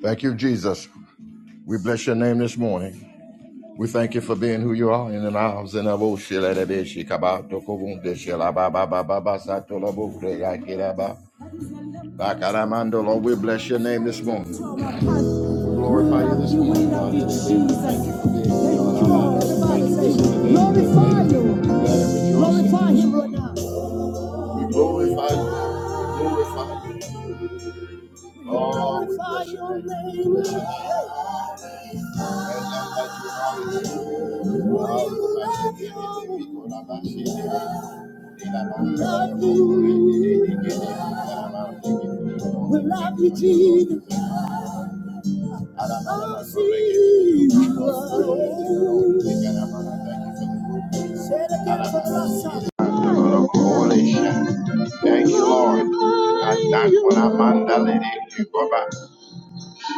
Thank you, Jesus. We bless your name this morning. We thank you for being who you are in and out. the bush, she let it be. She come out, took a she la ba ba ba ba ba satola to la bu ba. Ba ka la We bless your name this morning. We glorify you this morning. Thank Thank you for who you Glorify you. Glorify him right now. We glorify you. We glorify you. Oh, we bless your name. We bless your name. We love you, Jesus. Oh, Jesus. coalition. Thank you, Lord. And thank you, Amanda, Lady Jehovah.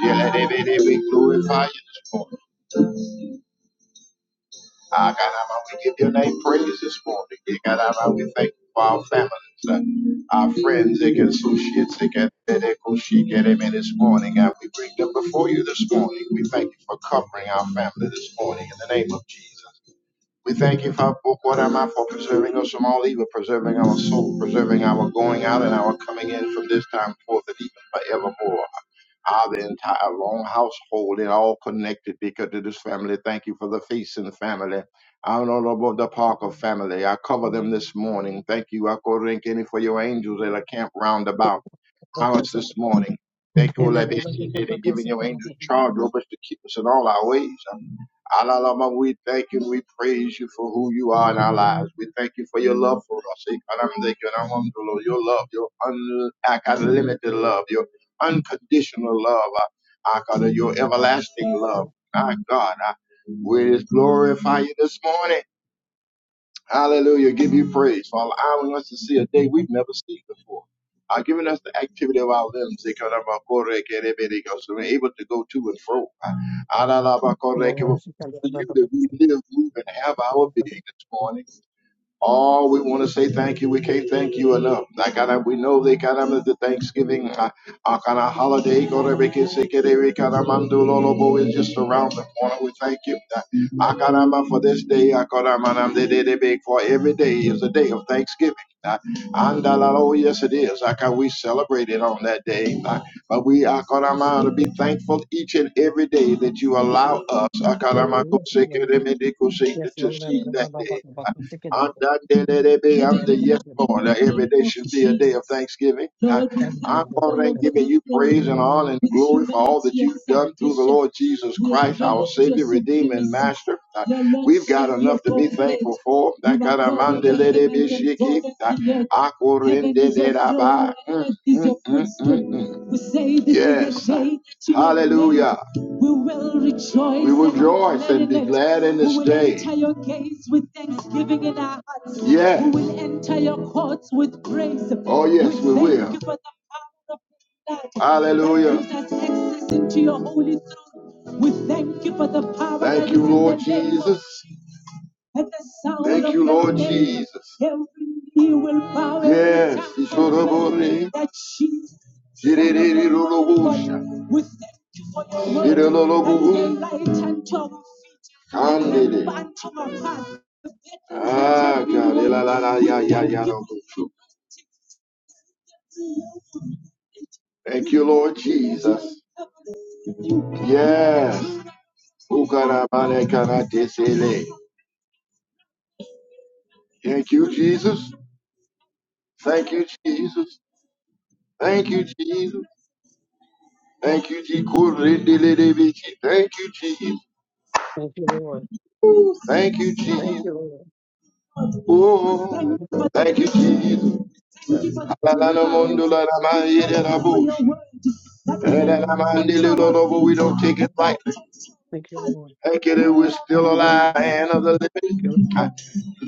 Dear Lady, Lady, we you. Ah, God, I want to give your name praise this morning. Dear God, I want to thank you for our families, uh, our friends, and associates. They can they go she get them in this morning. God, we bring them before you this morning. We thank you for covering our family this morning in the name of Jesus. We thank you, Father, for preserving us from all evil, preserving our soul, preserving our going out and our coming in from this time forth and even forevermore. Ah, the entire long household and all connected because to this family. Thank you for the feast in the family. I don't know about the Parker family. I cover them this morning. Thank you, I Uncle any for your angels that are camped round about hours Because it's this morning. Thank you, and then Lord, that you did and because giving of your the angels charge over us to keep us in all our ways. Um, Alalama, we thank you and we praise you for who you are in our lives. We thank you for your love for us. Eh, God, I'm thank you and I want to, Lord, your love, your un- I got unlimited love, your unconditional love, I, I got your everlasting love. My God, I, we just glorify you this morning. Hallelujah. Give you praise for allowing us to see a day we've never seen before. Uh, giving us the activity of our limbs, they kind of, uh, correct, and everything, be so we're able to go to and fro. Uh, ah, la, la, ba, correct, eh, Lord, well, she can get To you above that we because live, move, and have our being this morning. Oh, we want to say thank you. We can't thank you enough. Like I, we know they got them at the Thanksgiving, uh, uh, kind of holiday. Go to make it sick, it every kind of man do lolo, but it's just around the corner. We thank you. I got them for this day. I got them and they did it big for every day is a day of Thanksgiving. Uh, And uh, oh yes, it is. Like uh, we celebrate it on that day. Uh, but we are going to be thankful each and every day that you allow us uh, God, I'm, uh, go sick, it, it, go sick, Yes, to Lord, and see then that day. above because you can. I'm the yes, Lord. Now, every day should be a day of thanksgiving. I, I'm going to giving you praise and honor and glory for all that you've done through the Lord Jesus Christ, our Savior, Redeemer, and Master. Uh, we've got enough to be thankful for. I got a Uh, Mm, mm, mm, mm, mm. Yes. Hallelujah. We will rejoice We will rejoice and be glad in this day. glad We will enter your gates with thanksgiving in our hearts. We Yes. We will enter your courts with praise. Oh, yes, we thank will. Thank you for the power of your blood that gives us access into your holy throne. We thank you for the power Thank you, Lord Jesus. At the sound Thank of you, your Lord name, Jesus. every knee will bow, every Yes, every tongue will confess that Jesus is Lord We thank you for your word that is light unto our feet and lamp unto our path. Ah, your God. la la, thank ya ya, Elalalayayayarobosho. Thank you, Lord Jesus. Yes. Ukarabalekaratisele. Thank you, Jesus. Thank you, Jesus. Thank you, Jesus. Thank you, Jesus. Thank you, Jesus. Thank you, Lord. Thank you, Thank Jesus. you, Lord. Thank you, Oh, thank you, Jesus. Jesus. Alalana Thank mondo you. La rama yede rabu. Thank you, Lord. Elalama ndilolobo. We Thank don't you, take it Lord. lightly. Thank you, Lord. Thank you that we're still Thank alive and of the you, living. Lord.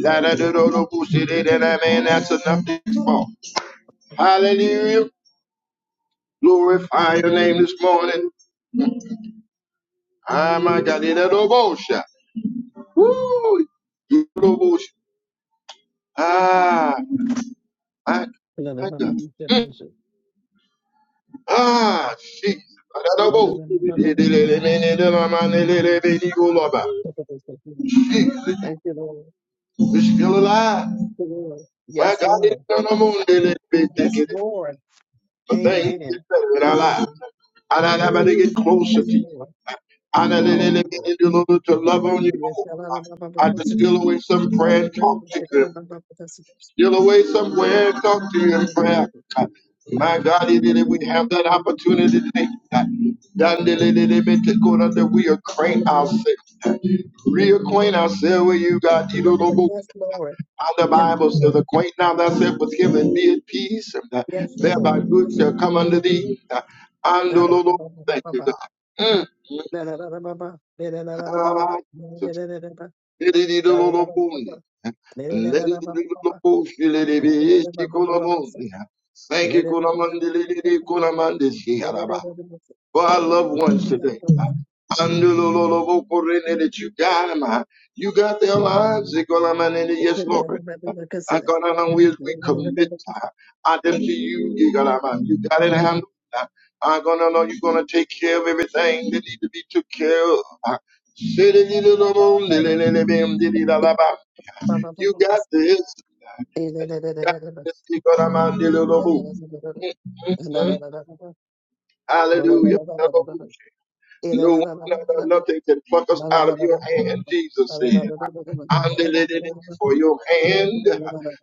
Ladadadorobu sididina. Man, that's enough to fall. Hallelujah. Glorify your name this morning. Ah, my God. Didadobosha. Woo. Ah, my, Thank you, my God. Mm. Ah, Jesus. Adadabo. Idelelemenelemanelelebenikolaba. Lord. Thank you, Lord. We're still alive. My Yes, God, it's Lord. not a moon. Yes, Lord. But things get Amen. better in our lives. Amen. And I never to get closer Yes, to you. Lord. And I Yes, never to love on you. more. I just feel away some prayer and talk to you. Still away somewhere, talk to you in prayer. God. My God, it is- we have that opportunity today. God. Dandelelelebe to go down That we acquaint ourselves, God. reacquaint ourselves with you, God. You don't know Lord. how the Yes, Bible says, Lord. acquaint now thyself with him and be at peace, and that thereby good shall come unto thee. God. Andololo- Thank you, God. Mm. Thank you, Kulamandi Lili Kulamandi Yes, Shiaraba for our loved ones today. Lord. Andulolobokorene, That you got them. ah. You got their lives. Ikolamanene, Oh, Yes, Lord. And God, I know as we commit uh, I them to you, you got, um, you got it handled. Uh, I'm gonna know you're gonna take care of everything that need to be took care of. Uh, Sididididobo, lelelelebem, dididalaba. You got this. You got this. You got, um, um, Hallelujah. No one, no, no, nothing can pluck us out of your hand, Jesus said. And they laid it before your hand,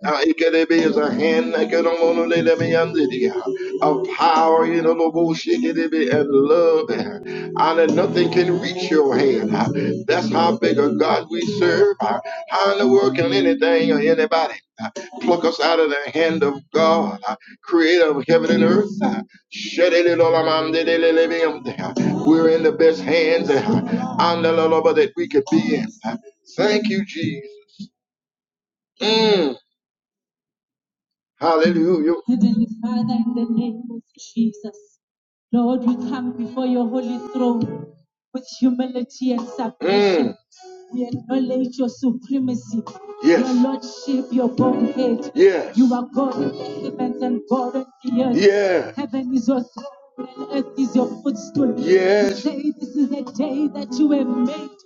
uh, it can be as a hand that can only lay me under the, uh, of power, you know, no bullshit, it be and love, uh, and that nothing can reach your hand. uh. That's how big a God we serve. uh. How in the world can anything or anybody? pluck us out of the hand of God, uh, creator of heaven and earth. uh, We're in the best hands uh, andalaloba, that we could be in. uh. Thank you, Jesus. Mm, hallelujah. Heavenly Father, in the name of Jesus, Lord, we come before your holy throne with humility and submission. Mm. We acknowledge your supremacy, yes. your Yes. lordship, your Godhead. Yes. You Yes. are God in the heavens and God in the earth. Yeah. Heaven is your throne and earth is your footstool. We Yes. say this is the day that you have made.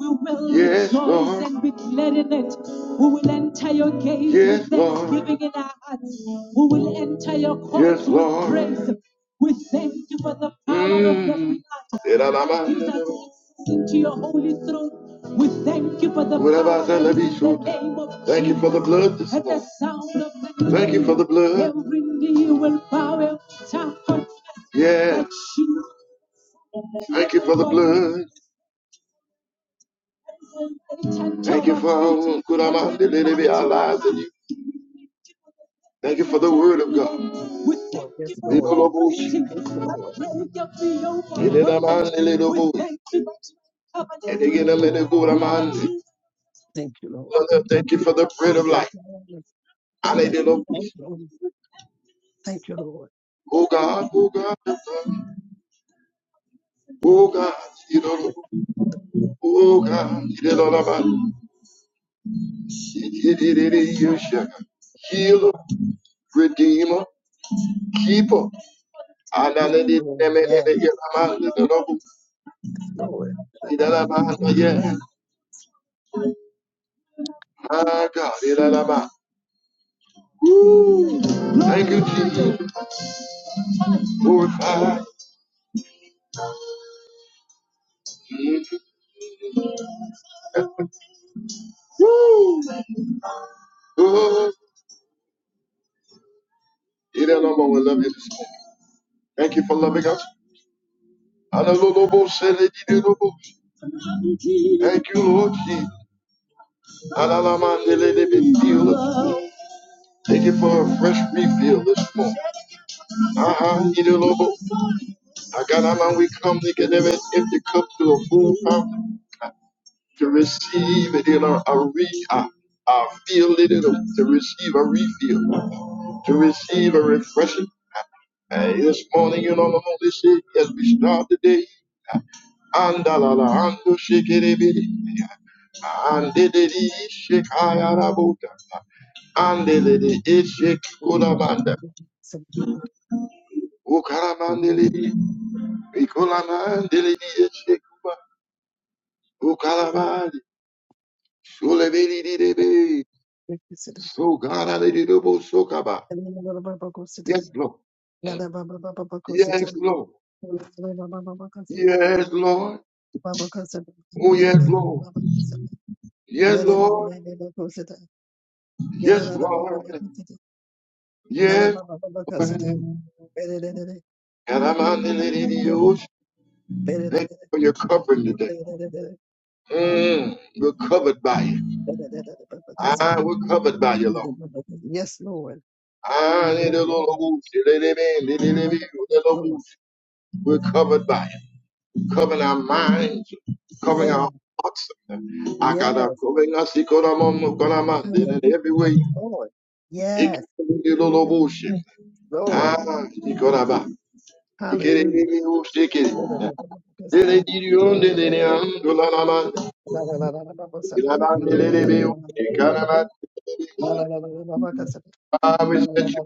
We will Yes, rejoice Lord. and be glad in it. We will enter your gate with Yes, Lord. thanksgiving Lord. in our hearts. We will enter your Yes, courts yes, with Lord. praise. We thank you for the power mm. of your Mm. Thank you that into your holy throne. We thank you for the blood. Thank you for the blood Thank you for the blood. every Yes. Thank you for the blood. Thank you for Kuramande Lelebe, our lives in you. Thank you for the word of God. yes, Lord. Dibolobushi. Thank you, Lord. Thank you. Ilelamande Lelobushi. And again, a little Kuramande. Thank you, Lord. Father, Thank you for the bread of Thank life. you, Lord. Yes, we Hallelujah. thank you, Lord. Thank you, Oh God, oh God, oh God, Lord. Didolo- oh God, Didolaba. Dididididi, Yeshua. healer, redeemer, keeper. Yes, Adalidi Lord. Yes, nemelele yelamande dolobu. Lord. Idalabanda ye. My God, idalaba. Thank you, Jesus. Glorify. Mm. Oh, idalaba, we love you this morning. Thank you for loving us. Adalolobo seledididobo. Thank you, Lord Jesus. Adalamande lelebe deal. Thank you for a fresh refill this morning. Uh-huh. idalobo. I got out we come to get every empty cup to a full fountain. to receive it in a, a re a, a feel it in a- to receive a refill, to receive a refreshing. And this morning, you know, the Holy Spirit, as we start the day, andalala, ando shikiribiri, andididi, shikayarabota, andididi, ishikulamanda, ukalamandilidi, ikulamandilidi, ishikuma, ukalamandi, shulebidididebe, soganadididobosokaba. Yes, Lord. Yes, Lord. Yes, Lord. Oh, yes, Lord. Yes, Lord. Yes, Lord. Yes, Lord. And I'm on the lady to you. Thank you for your covering today. Mm, we're covered by you. Ah, we're covered by you, Lord. Yes, Lord. Ah, Yes, little Lord, Lord. little baby, little baby, Yes, little baby. Lord. We're covered by you. Covering our minds, covering Yeah. our hearts. I got Yes. a covering us, he got a mom, got a man, in Hallelujah. every Yes, way. Lord. He Yes, can do the little bullshit. Lord. Ah, Nikoraba. Hallelujah. Ikerere ushekere. Yes, yes, Dele Lord. Yes, diriyon dele ne Lord. Yes, Lord. Yes, andolalaman. İladan delele be ushekaraman. Ah, we set you.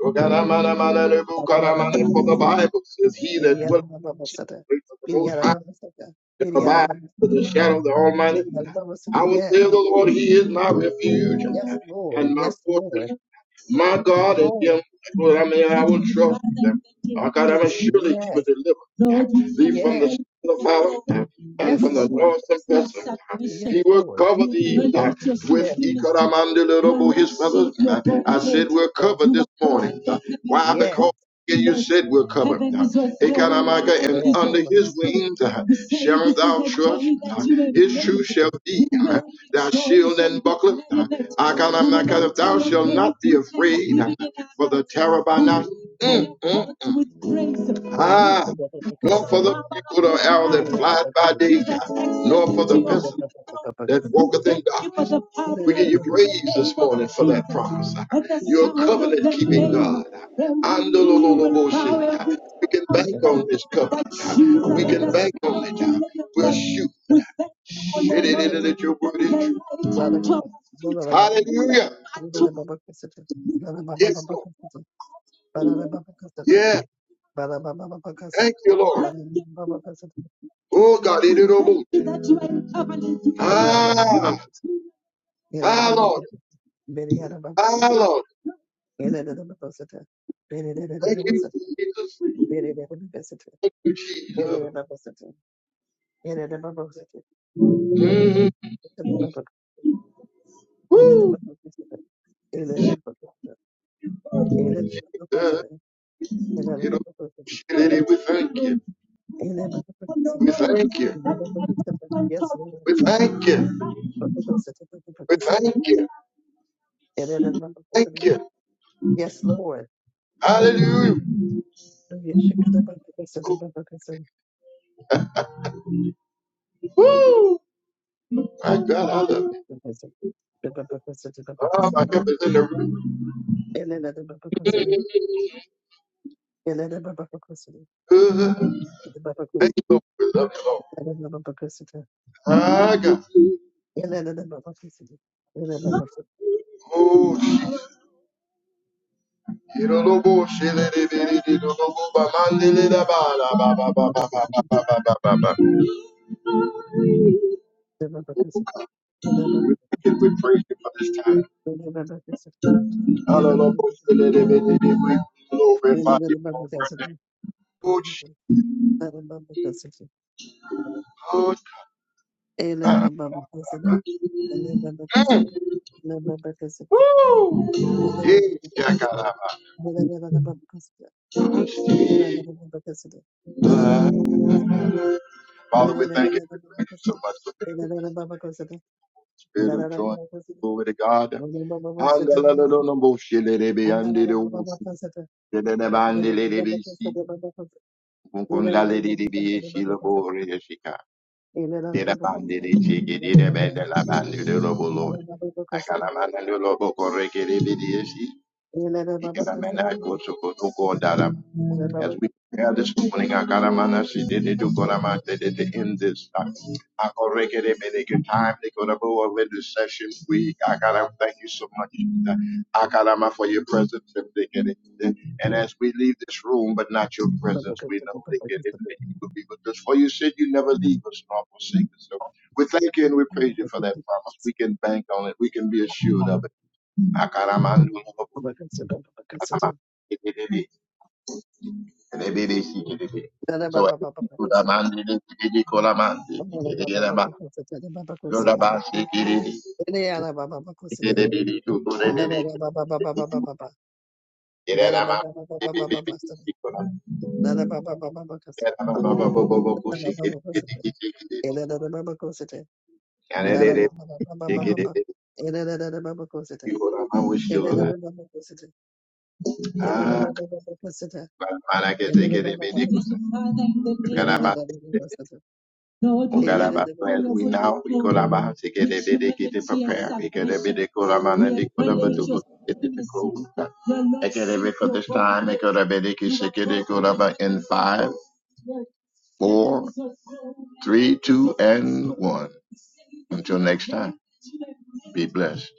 Okaramana mana lebu karamana. For the Bible says, He that dwelleth in the secret of the Most High shall abide under the shadow of the Almighty. I will say of the Lord, He is my refuge and my fortress My God and him, I mean, I will trust them. Oh God, I mean, surely he will deliver thee from the yes, sin of power and yes, from the Lord. loathsome pestilence. Yes, He will Lord. cover thee uh, with Yes, Ikaramandilobo, his feathers. I said, we're yes, covered this morning. Why? yes, Because and you said we're covered. Ekaramaka, And yes. under his wings uh, shall thou trust. uh, His truth shall be uh, thy shield and buckler. Uh, Thou shalt not be afraid uh, for the terror by night. Mm, mm, mm. Ah, nor for the eagle or arrow that flies by day, nor for the pestilence that walketh in darkness. We give you praise this morning for that promise. You're a covenant keeping God. uh, Andololoboshika. We can bank on this covenant. We can bank on it. We're shooting. Shit, it in that your word Baba is true. Hallelujah. Yes, Lord. Yeah. Thank you, Lord. Oh, God. it is over. Ah, ah, Lord. Ah, Lord. Thank you, Jesus. Thank you, Jesus. Yes, Lord. Mm, uh, you know, shit, it, we thank you. We thank you. We thank you. We thank you. Thank you. Yes, Lord. Hallelujah. My God, I love you. Oh, Yes, my God, is in the room. Good. Thank you, Lord. We love you, Lord. My God. Oh, she- you don't know more. She- li- li- li- li- li- don't know more. Ba- ma- li- li- da- ba- da- ba- ba- ba- ba- ba- Lord. ba- ba- ba- ba- ba- ba. Thank Can we praise you for this time? Hallelujah. She- li- li- li- li- li- We glorify you, Lord. Oh, she- oh, she- Mm. Yeah, Father, we thank you so much for the spirit of joy. Glory to God. you. Baba Lord. Ikanamanakosokotokodara. As we prepare this morning, Akaramana Sididu Koramata to Gorama did it to end this uh, Akorekerebeneke time, they Nikorabo over this session week. Akaram, thank you so much. uh, Akarama for your presence. And as we leave this room, but not your presence, we know they get it. you will be with us. For you said you never leave us nor forsake us. So we thank you and we praise you for that promise. We can bank on it. We can be assured of it. Akaramanu so i Kulamandi Kirama Lulabasi Kiridi Kiridi Kuridi Kirama Ogalabasel, We now we go laba to get it, they get it prepared. We get it, they go laba and they go laba to go get it to close. I get it for this time. I go laba, they can shake it, they go laba in five, four, three, two, and one. Until next time, be blessed.